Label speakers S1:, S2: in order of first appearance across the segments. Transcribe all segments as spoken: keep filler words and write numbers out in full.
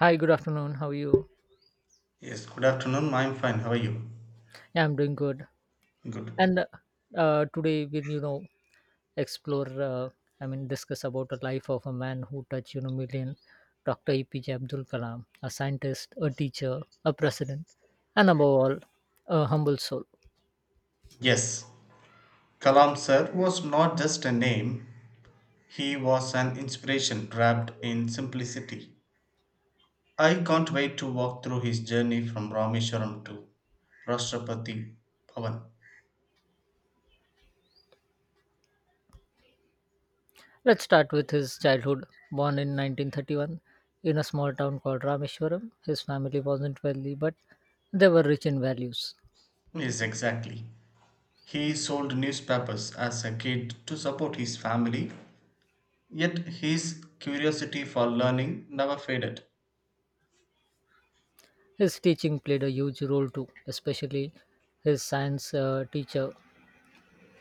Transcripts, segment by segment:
S1: Hi, good afternoon. How are you?
S2: Yes, good afternoon. I'm fine. How are you?
S1: Yeah, I'm doing good.
S2: Good.
S1: And uh, today we'll, you know, explore, uh, I mean, discuss about the life of a man who touched, you know, million, Doctor A P J Abdul Kalam, a scientist, a teacher, a president, and above all, a humble soul.
S2: Yes, Kalam sir was not just a name, he was an inspiration wrapped in simplicity. I can't wait to walk through his journey from Rameshwaram to Rashtrapati Bhavan.
S1: Let's start with his childhood. Born in nineteen thirty-one in a small town called Rameshwaram, his family wasn't wealthy, but they were rich in values.
S2: Yes, exactly. He sold newspapers as a kid to support his family, yet his curiosity for learning never faded.
S1: His teaching played a huge role too, especially his science uh, teacher,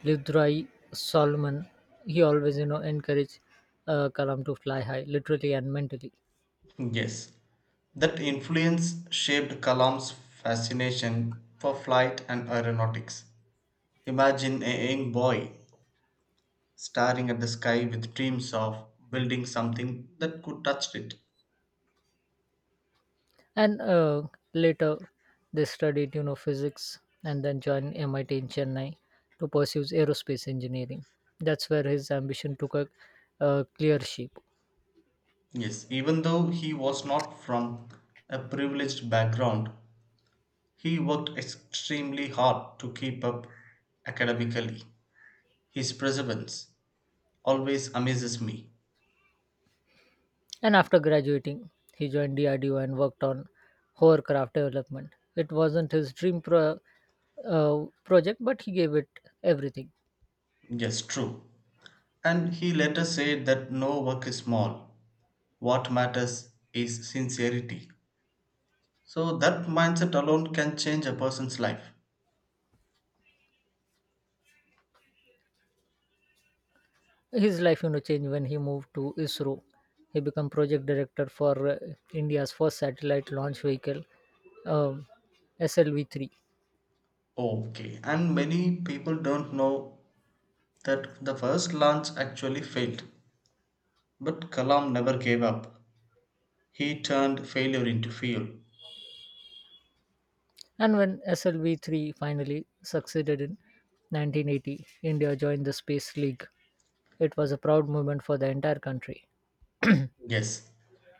S1: Lidrai Solomon. He always, you know, encouraged uh, Kalam to fly high, literally and mentally.
S2: Yes, that influence shaped Kalam's fascination for flight and aeronautics. Imagine a young boy staring at the sky with dreams of building something that could touch it.
S1: And uh, later, they studied, you know, physics and then joined M I T in Chennai to pursue aerospace engineering. That's where his ambition took a uh, clear shape.
S2: Yes, even though he was not from a privileged background, he worked extremely hard to keep up academically. His perseverance always amazes me.
S1: And after graduating, he joined D R D O and worked on hovercraft development. It wasn't his dream pro- uh, project, but he gave it everything.
S2: Yes, true. And he later said that no work is small, what matters is sincerity. So that mindset alone can change a person's life.
S1: His life, you know, changed when he moved to ISRO. He became project director for uh, India's first satellite launch vehicle, um, S L V three.
S2: Okay, and many people don't know that the first launch actually failed. But Kalam never gave up. He turned failure into fuel.
S1: And when S L V three finally succeeded in nineteen eighty, India joined the Space League. It was a proud moment for the entire country.
S2: Yes,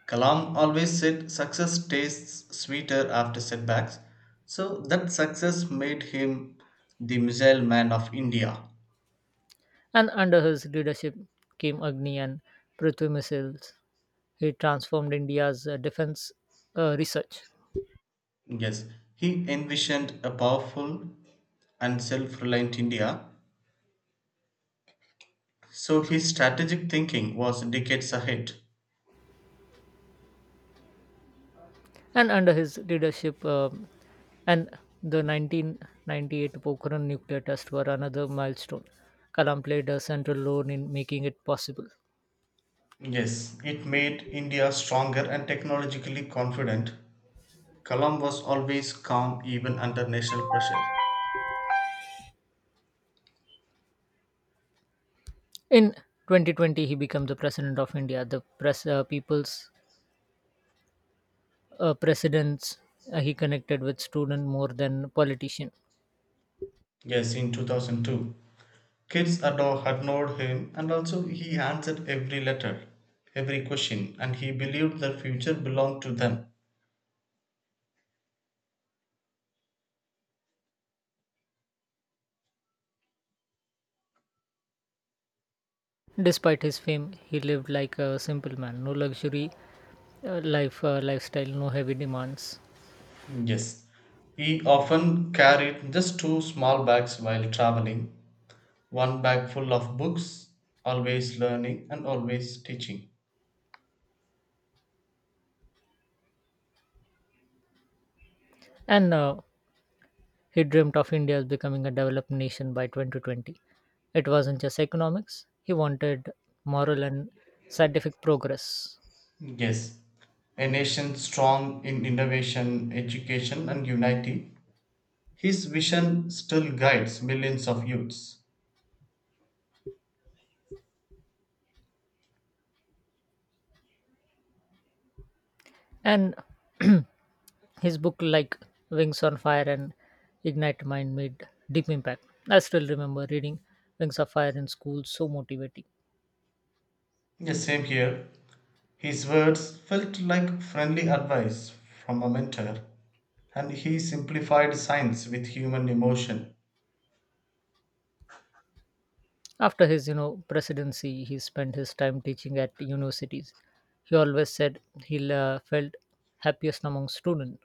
S2: Kalam always said success tastes sweeter after setbacks. So that success made him the missile man of India.
S1: And under his leadership came Agni and Prithvi missiles. He transformed India's uh, defense uh, research.
S2: Yes, he envisioned a powerful and self reliant India, so his strategic thinking was decades ahead.
S1: And under his leadership, um and the nineteen ninety-eight Pokhran nuclear test were another milestone. Kalam played a central role in making it possible.
S2: Yes, it made India stronger and technologically confident. Kalam was always calm even under national pressure.
S1: In twenty twenty, he became the president of India, the pres- uh, people's uh, presidents. Uh, he connected with students more than politician.
S2: Yes, in two thousand two. Kids adore, adored him, and also he answered every letter, every question, and he believed the future belonged to them.
S1: Despite his fame, he lived like a simple man. No luxury uh, life uh, lifestyle, no heavy demands.
S2: Mm. Yes, he often carried just two small bags while traveling, one bag full of books, always learning and always teaching.
S1: And uh, he dreamt of India as becoming a developed nation by twenty twenty. It wasn't just economics. He wanted moral and scientific progress.
S2: Yes, a nation strong in innovation, education, and unity. His vision still guides millions of youths.
S1: And his book like Wings on Fire and Ignite Mind made deep impact. I still remember reading Wings of Fire in school, so motivating.
S2: The same here. His words felt like friendly advice from a mentor, and he simplified science with human emotion.
S1: After his, you know, presidency, he spent his time teaching at universities. He always said he uh, felt happiest among students,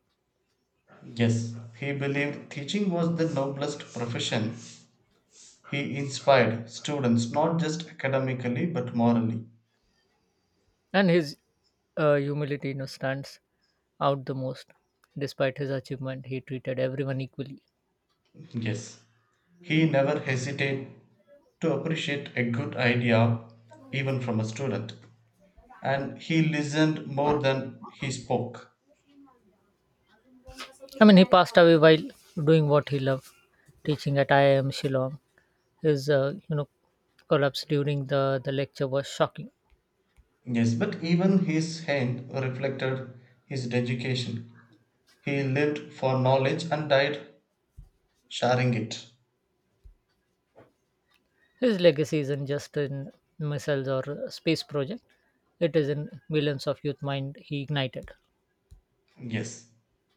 S2: Yes, he believed teaching was the noblest profession. He inspired students not just academically but morally.
S1: and his uh, humility, you know, stands out the most. Despite his achievement, he treated everyone equally.
S2: Yes, he never hesitated to appreciate a good idea even from a student. And he listened more than he spoke.
S1: I mean, he passed away while doing what he loved, teaching at I I M Shillong. His, uh, you know, collapse during the, the lecture was shocking.
S2: Yes, but even his hand reflected his education. He lived for knowledge and died sharing it.
S1: His legacy isn't just in missiles or space project; it is in millions of youth mind he ignited.
S2: Yes,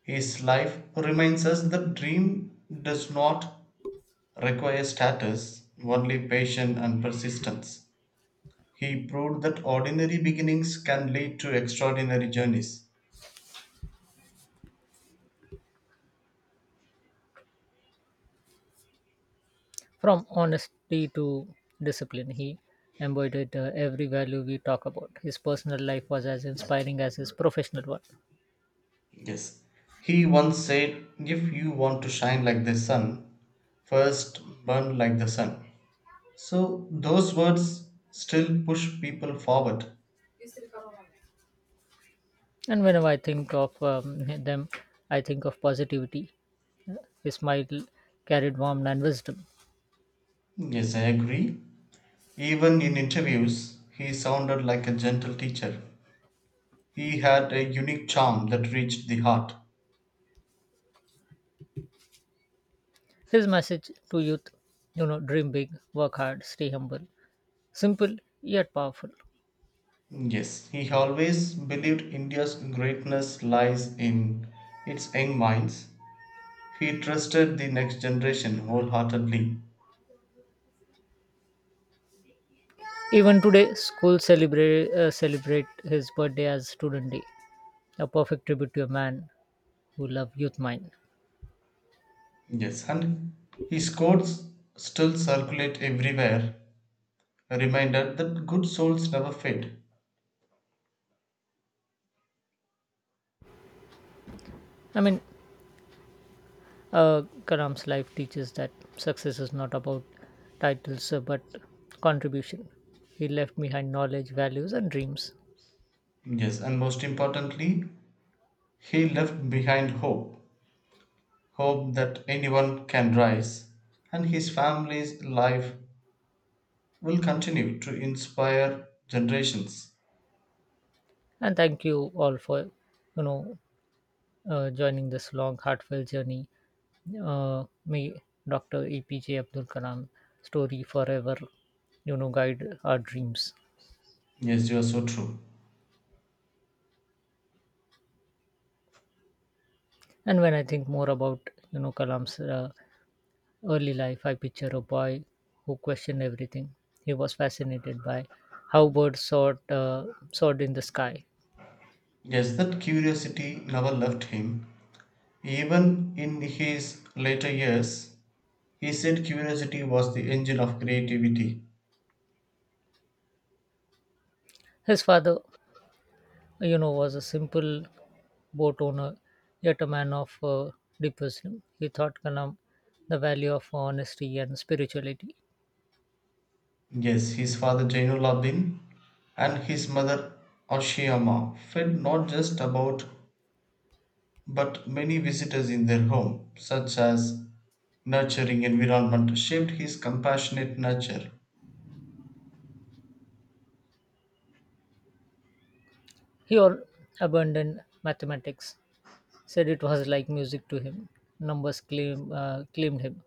S2: his life reminds us that dream does not require status, only patience and persistence. He proved that ordinary beginnings can lead to extraordinary journeys.
S1: From honesty to discipline, he embodied uh, every value we talk about. His personal life was as inspiring as his professional one.
S2: Yes, he once said, if you want to shine like the sun, first burn like the sun. So, those words still push people forward.
S1: And whenever I think of um, them, I think of positivity. His smile carried warmth and wisdom.
S2: Yes, I agree. Even in interviews, he sounded like a gentle teacher. He had a unique charm that reached the heart.
S1: His message to youth, you know, dream big, work hard, stay humble. Simple yet powerful.
S2: Yes, he always believed India's greatness lies in its young minds. He trusted the next generation wholeheartedly.
S1: Even today, schools celebrate, uh, celebrate his birthday as Student Day, a perfect tribute to a man who loved youth mind.
S2: Yes, and his quotes still circulate everywhere, a reminder that good souls never fade.
S1: I mean, uh, Karam's life teaches that success is not about titles uh, but contribution. He left behind knowledge, values, and dreams.
S2: Yes, and most importantly, he left behind hope hope that anyone can rise, and his family's life will continue to inspire generations.
S1: And thank you all for, you know, uh, joining this long, heartfelt journey. Uh, may Doctor E P J Abdul Karam story forever, you know, guide our dreams.
S2: Yes, you are so true.
S1: And when I think more about, you know, Kalam's uh, early life, I picture a boy who questioned everything. He was fascinated by how birds soared, uh, soared in the sky.
S2: Yes, that curiosity never left him. Even in his later years, he said curiosity was the engine of creativity.
S1: His father, you know, was a simple boat owner, yet a man of uh, deep wisdom. He taught Kalam the value of honesty and spirituality.
S2: Yes, his father Jainullah bin and his mother Oshiyama fed not just about but many visitors in their home, such as nurturing environment shaped his compassionate nature.
S1: He all abandoned mathematics, said it was like music to him. Numbers claim, uh, claimed him.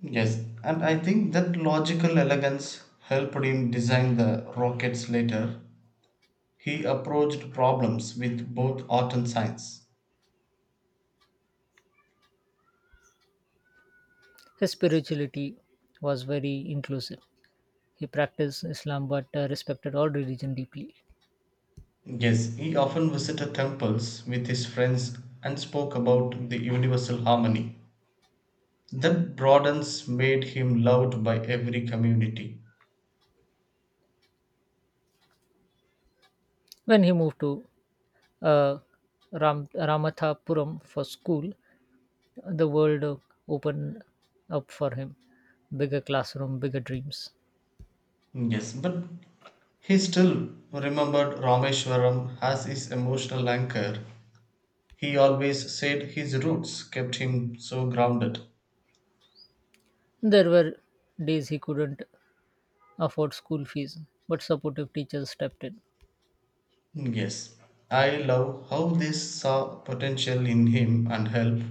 S2: Yes, and I think that logical elegance helped him design the rockets later. He approached problems with both art and science.
S1: His spirituality was very inclusive. He practiced Islam but uh, respected all religion deeply.
S2: Yes, he often visited temples with his friends and spoke about the universal harmony. That broadens made him loved by every community.
S1: When he moved to uh, Ram- Ramathapuram for school, the world uh, opened up for him. Bigger classroom, bigger dreams.
S2: Yes, but he still remembered Rameshwaram as his emotional anchor. He always said his roots kept him so grounded.
S1: There were days he couldn't afford school fees, but supportive teachers stepped in.
S2: Yes, I love how they saw potential in him and help.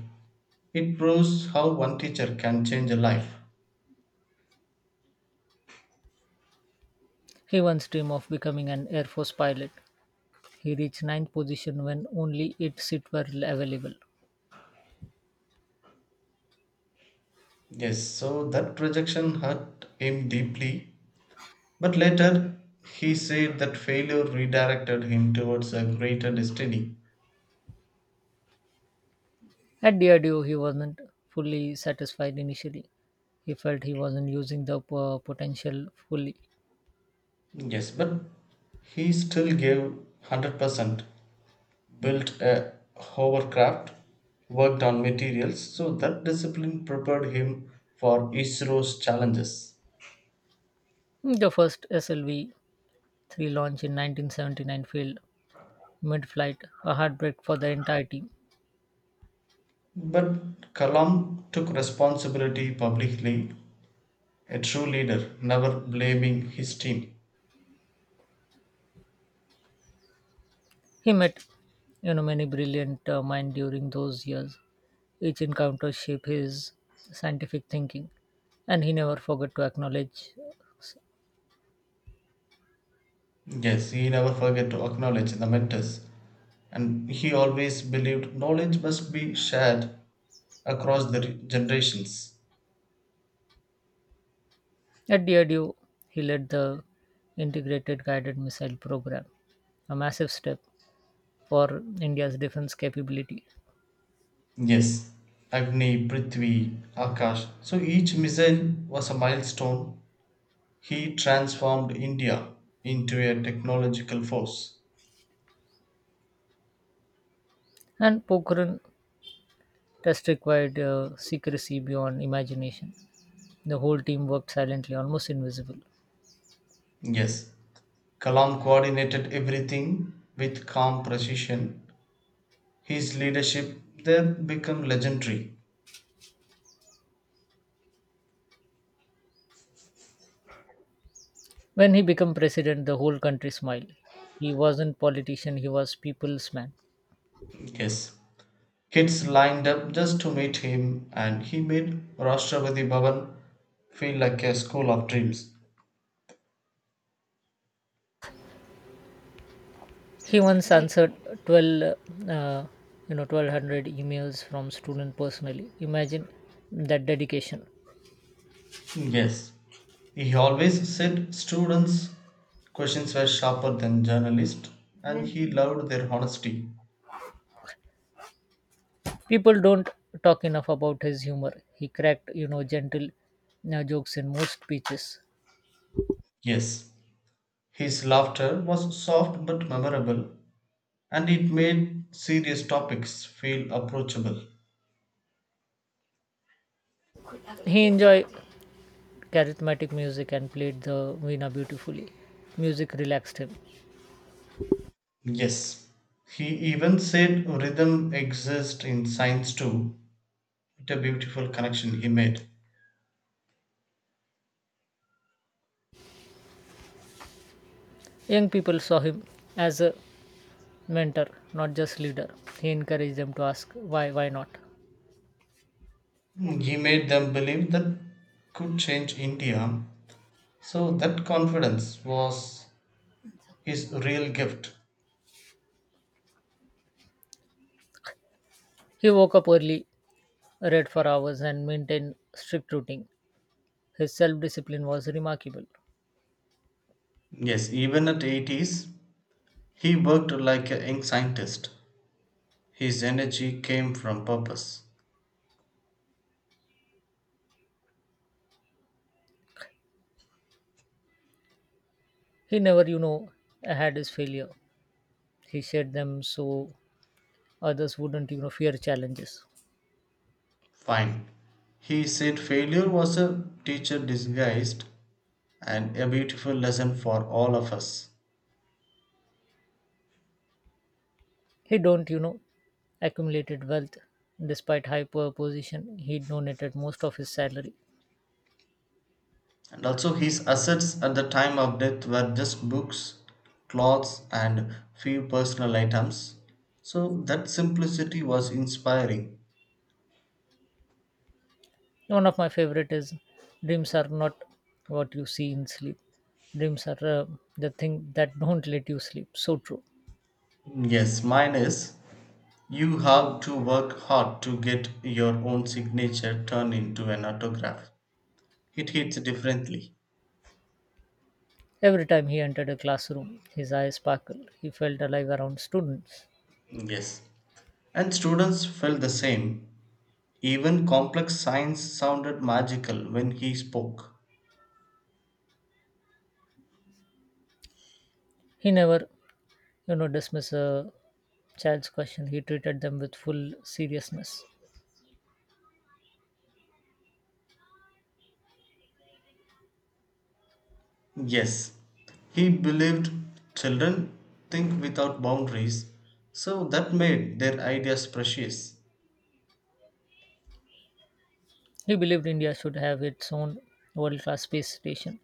S2: It proves how one teacher can change a life.
S1: He once dreamed of becoming an Air Force pilot. He reached ninth position when only eight seats were available.
S2: Yes, so that rejection hurt him deeply. But later, he said that failure redirected him towards a greater destiny.
S1: At Diageo, he wasn't fully satisfied initially. He felt he wasn't using the po- potential fully.
S2: Yes, but he still gave one hundred percent, built a hovercraft, worked on materials, so that discipline prepared him for ISRO's challenges.
S1: The first S L V three launch in nineteen seventy-nine failed mid flight, a heartbreak for the entire team.
S2: But Kalam took responsibility publicly, a true leader, never blaming his team.
S1: He met you know, many brilliant uh, minds during those years. Each encounter shaped his scientific thinking, and he never forgot to acknowledge.
S2: Yes, he never forgot to acknowledge the mentors, and he always believed knowledge must be shared across the re- generations.
S1: At D R D O, he led the Integrated Guided Missile Program, a massive step for India's defense capability.
S2: Yes, Agni, Prithvi, Akash. So each missile was a milestone. He transformed India into a technological force.
S1: And Pokhran test required uh, secrecy beyond imagination. The whole team worked silently, almost invisible.
S2: Yes, Kalam coordinated everything with calm precision. His leadership there became legendary.
S1: When he became president, the whole country smiled. He wasn't politician; he was people's man.
S2: Yes. Kids lined up just to meet him and he made Rashtrapati Bhavan feel like a school of dreams.
S1: He once answered twelve, uh, you know, twelve hundred emails from students personally. Imagine that dedication.
S2: Yes. He always said students' questions were sharper than journalists, and he loved their honesty.
S1: People don't talk enough about his humor. He cracked you know gentle uh, jokes in most speeches.
S2: Yes. His laughter was soft but memorable, and it made serious topics feel approachable.
S1: He enjoyed charismatic music and played the veena beautifully. Music relaxed him.
S2: Yes, he even said rhythm exists in science too. What a beautiful connection he made.
S1: Young people saw him as a mentor, not just leader. He encouraged them to ask why, why not.
S2: He made them believe that could change India. So that confidence was his real gift.
S1: He woke up early, read for hours, and maintained strict routine. His self discipline was remarkable.
S2: Yes, even at eighties, he worked like a young scientist. His energy came from purpose.
S1: He never, you know, had his failure. He shared them so others wouldn't, you know, fear challenges.
S2: Fine. He said failure was a teacher disguised and a beautiful lesson for all of us.
S1: He don't, you know, accumulated wealth despite high poor position. He donated most of his salary.
S2: And also, his assets at the time of death were just books, clothes, and few personal items. So, that simplicity was inspiring.
S1: One of my favorite is dreams are not what you see in sleep. Dreams are uh, the thing that don't let you sleep. So true.
S2: Yes, mine is you have to work hard to get your own signature turned into an autograph. It hits differently.
S1: Every time he entered a classroom, his eyes sparkled. He felt alive around students.
S2: Yes. And students felt the same. Even complex science sounded magical when he spoke.
S1: He never, you know, dismissed a child's question. He treated them with full seriousness.
S2: Yes, he believed children think without boundaries, so that made their ideas precious.
S1: He believed India should have its own world-class space station,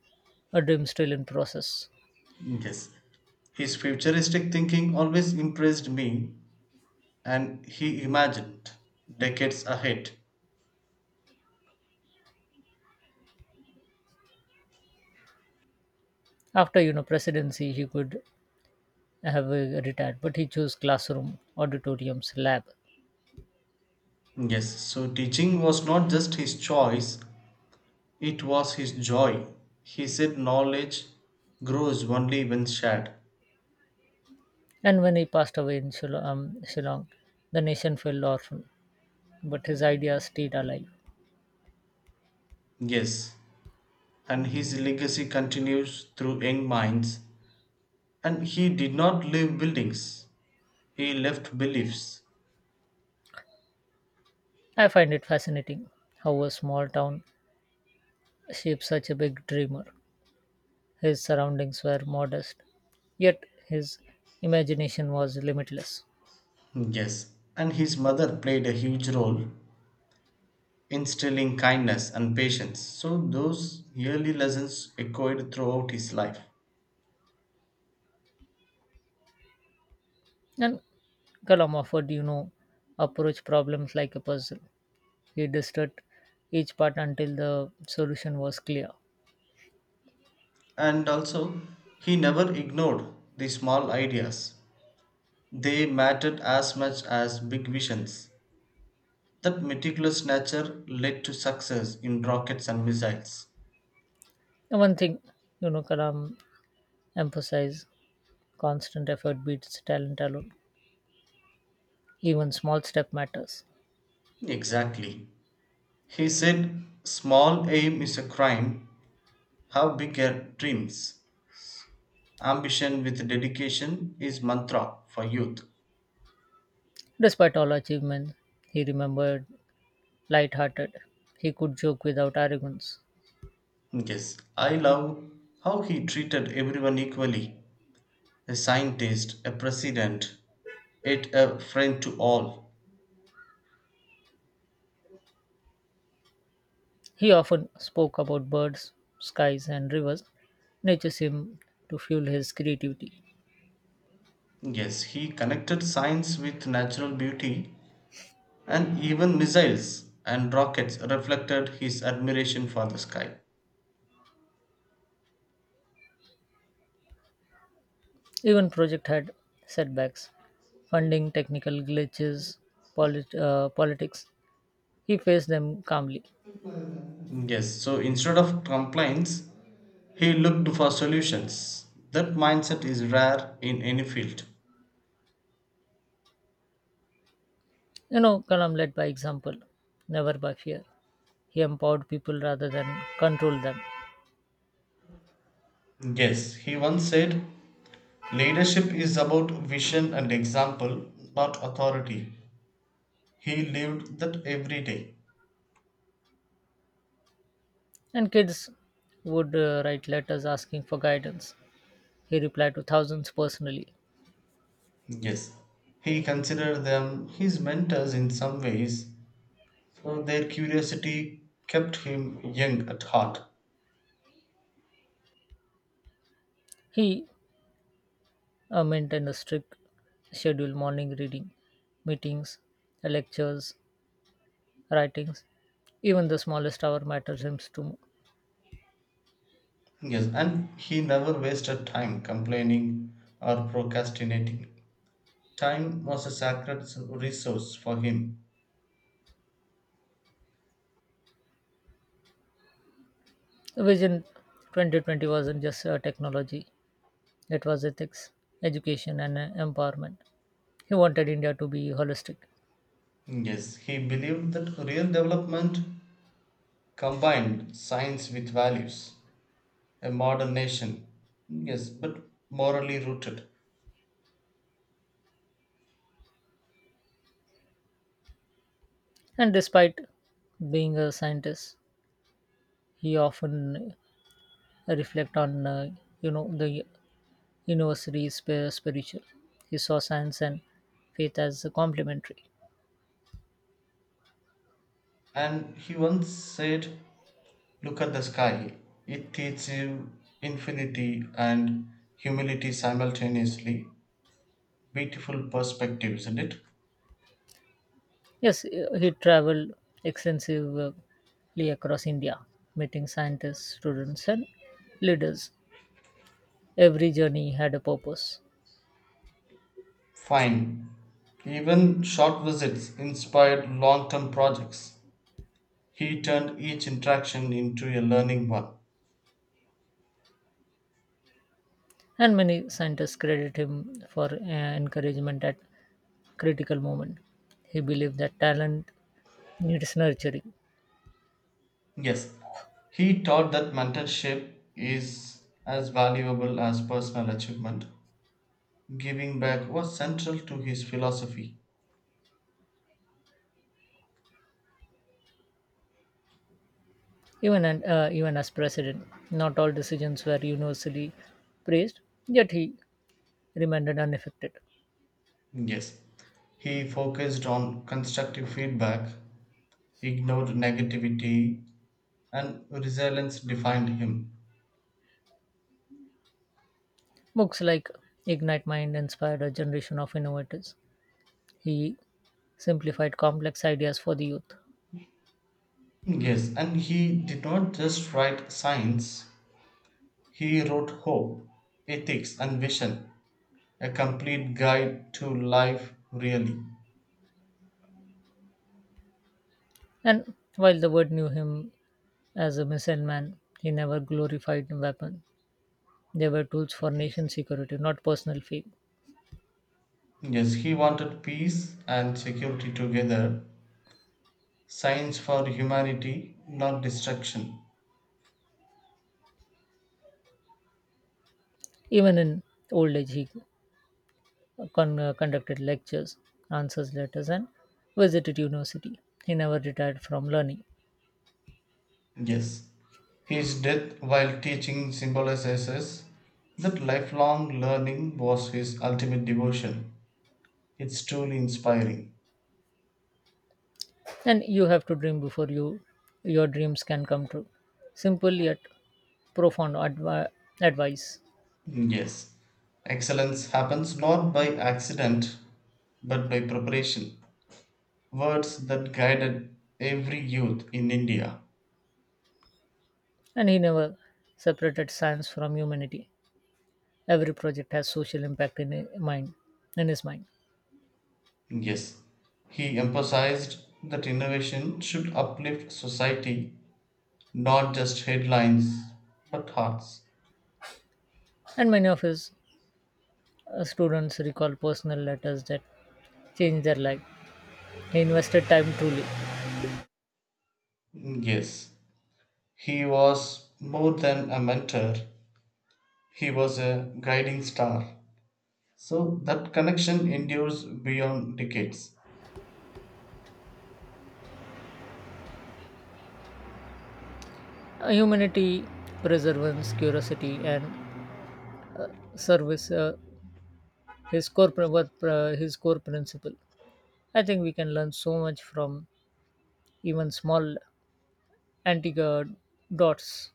S1: a dream still in process.
S2: Yes, his futuristic thinking always impressed me, and he imagined decades ahead.
S1: After you know presidency, he could have uh, retired, but he chose classroom, auditoriums, lab.
S2: Yes, so teaching was not just his choice, it was his joy. He said knowledge grows only when shared.
S1: And when he passed away in Shil- um, Shillong, the nation fell orphan, but his ideas stayed alive.
S2: Yes, and his legacy continues through young minds. And he did not leave buildings, he left beliefs.
S1: I find it fascinating how a small town shaped such a big dreamer. His surroundings were modest, yet his imagination was limitless.
S2: Yes, and his mother played a huge role, instilling kindness and patience. So, those early lessons echoed throughout his life.
S1: And Kalam offered, you know, approach problems like a puzzle. He dissected each part until the solution was clear.
S2: And also, he never ignored the small ideas, they mattered as much as big visions. That meticulous nature led to success in rockets and missiles.
S1: And one thing, you know, Kalam emphasized constant effort beats talent alone. Even small step matters.
S2: Exactly. He said, small aim is a crime, have bigger dreams. Ambition with dedication is mantra for youth.
S1: Despite all achievements, he remembered light-hearted. He could joke without arrogance.
S2: Yes, I love how he treated everyone equally. A scientist, a president, yet a friend to all.
S1: He often spoke about birds, skies, and rivers. Nature seemed to fuel his creativity.
S2: Yes, he connected science with natural beauty, and even missiles and rockets reflected his admiration for the sky.
S1: Even project had setbacks, funding, technical glitches, polit- uh, politics. He faced them calmly.
S2: Yes, so instead of complaints, he looked for solutions. That mindset is rare in any field.
S1: You know, Kalam led by example, never by fear. He empowered people rather than controlled them.
S2: Yes, he once said, leadership is about vision and example, not authority. He lived that every day.
S1: And kids would uh, write letters asking for guidance. He replied to thousands personally.
S2: Yes, he considered them his mentors in some ways, so their curiosity kept him young at heart.
S1: He uh, maintained a strict schedule morning reading, meetings, lectures, writings. Even the smallest hour matters him to.
S2: Yes, and he never wasted time complaining or procrastinating. Time was a sacred resource for him.
S1: Vision twenty twenty wasn't just uh, technology, it was ethics, education, and uh, empowerment. He wanted India to be holistic.
S2: Yes, he believed that real development combined science with values. A modern nation. Yes, but morally rooted.
S1: And despite being a scientist, he often reflect on uh, you know the university is sp- spiritual. He saw science and faith as complementary.
S2: And he once said, look at the sky. It teaches you infinity and humility simultaneously. Beautiful perspective, isn't it?
S1: Yes, uh, he traveled extensively across India, meeting scientists, students, and leaders. Every journey had a purpose.
S2: Fine. Even short visits inspired long term projects. He turned each interaction into a learning one.
S1: And many scientists credit him for uh, encouragement at critical moment. He believed that talent needs nurturing.
S2: Yes, he taught that mentorship is as valuable as personal achievement. Giving back was central to his philosophy.
S1: Even and uh, even as president, not all decisions were universally praised, yet he remained unaffected.
S2: Yes, he focused on constructive feedback, ignored negativity, and resilience defined him.
S1: Books like Ignite Mind inspired a generation of innovators. He simplified complex ideas for the youth.
S2: Yes, and he did not just write science, he wrote hope, ethics, and vision, a complete guide to life, really.
S1: And while the world knew him as a missile man, he never glorified weapons. They were tools for nation security, not personal fame.
S2: Yes, he wanted peace and security together, science for humanity, not destruction.
S1: Even in old age, he con- uh, conducted lectures, answers letters, and visited university. He never retired from learning.
S2: Yes. His death while teaching symbolizes that lifelong learning was his ultimate devotion. It's truly inspiring.
S1: And you have to dream before you your dreams can come true. Simple yet profound advi- advice.
S2: Yes. Excellence happens not by accident, but by preparation. Words that guided every youth in India.
S1: And he never separated science from humanity. Every project has social impact in his mind, in his mind.
S2: Yes. He emphasized that innovation should uplift society, not just headlines, but hearts.
S1: And many of his uh, students recall personal letters that changed their life. He invested time truly.
S2: Yes. He was more than a mentor, he was a guiding star. So that connection endures beyond decades.
S1: Uh, Humanity, perseverance, curiosity, and uh, service uh, his core pr- were pr- his core principle. I think we can learn so much from even small Antigua dots.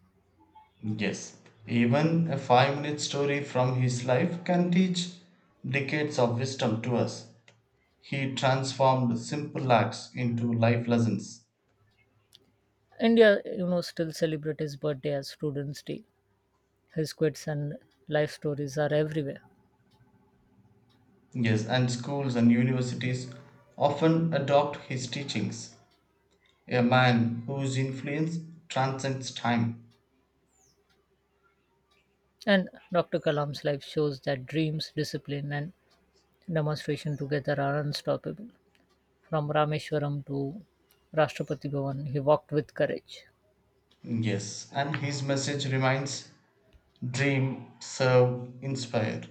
S2: Yes, even a five minute story from his life can teach decades of wisdom to us. He transformed simple acts into life lessons.
S1: India, you know, still celebrate his birthday as Students' Day. His quotes and life stories are everywhere.
S2: Yes, and schools and universities often adopt his teachings. A man whose influence transcends time.
S1: And Doctor Kalam's life shows that dreams, discipline, and demonstration together are unstoppable. From Rameshwaram to Rashtrapati Bhavan, he walked with courage.
S2: Yes, and his message remains dream, serve, inspire.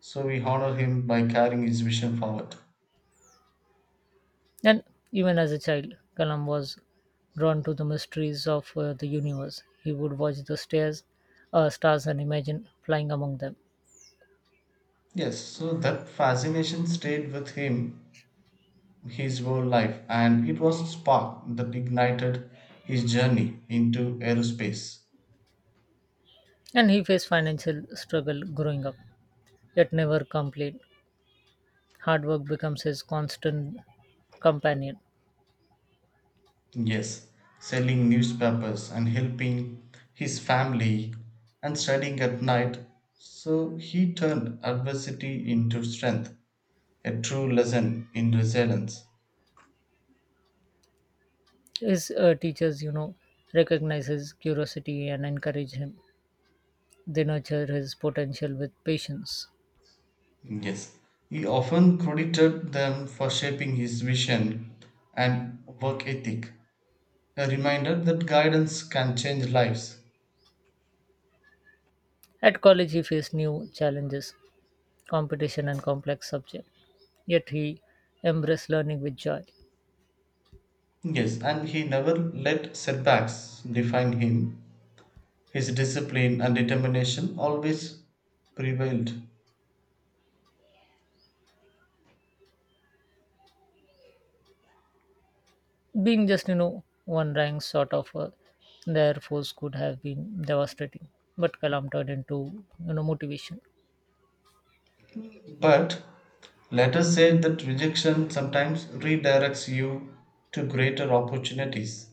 S2: So we honor him by carrying his vision forward.
S1: And even as a child, Kalam was drawn to the mysteries of uh, the universe. He would watch the stairs, uh, stars and imagine flying among them.
S2: Yes, so that fascination stayed with him his whole life, and it was a spark that ignited his journey into aerospace.
S1: And he faced financial struggle growing up, yet never complained. Hard work becomes his constant companion.
S2: Yes, selling newspapers and helping his family and studying at night. So he turned adversity into strength, a true lesson in resilience.
S1: His uh, teachers, you know, recognize his curiosity and encourage him. They nurture his potential with patience.
S2: Yes, he often credited them for shaping his vision and work ethic, a reminder that guidance can change lives.
S1: At college, he faced new challenges, competition, and complex subjects. Yet he embraced learning with joy.
S2: Yes, and he never let setbacks define him. His discipline and determination always prevailed.
S1: Being just, you know, one rank sort of uh, the Air Force could have been devastating. But Kalam turned into, you know, motivation.
S2: But let us say that rejection sometimes redirects you to greater opportunities,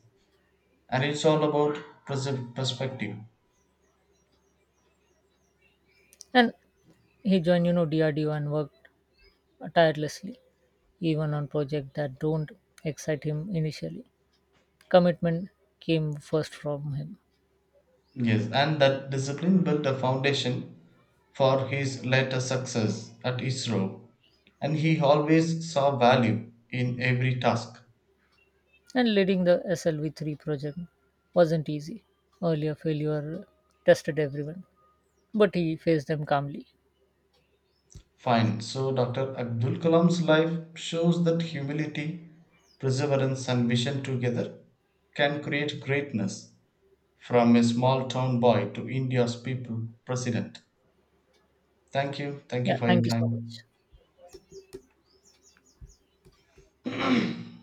S2: and it's all about preserved perspective.
S1: And he joined, you know, D R D O and worked tirelessly, even on projects that don't excite him initially. Commitment came first from him.
S2: Yes, and that discipline built a foundation for his later success at ISRO. And he always saw value in every task.
S1: And leading the S L V three project wasn't easy. Earlier failure tested everyone, but he faced them calmly.
S2: Fine, so Doctor Abdul Kalam's life shows that humility, perseverance, and vision together can create greatness from a small town boy to India's people president. Thank you. Thank you
S1: Yeah,
S2: for your
S1: thank you so much.
S2: time.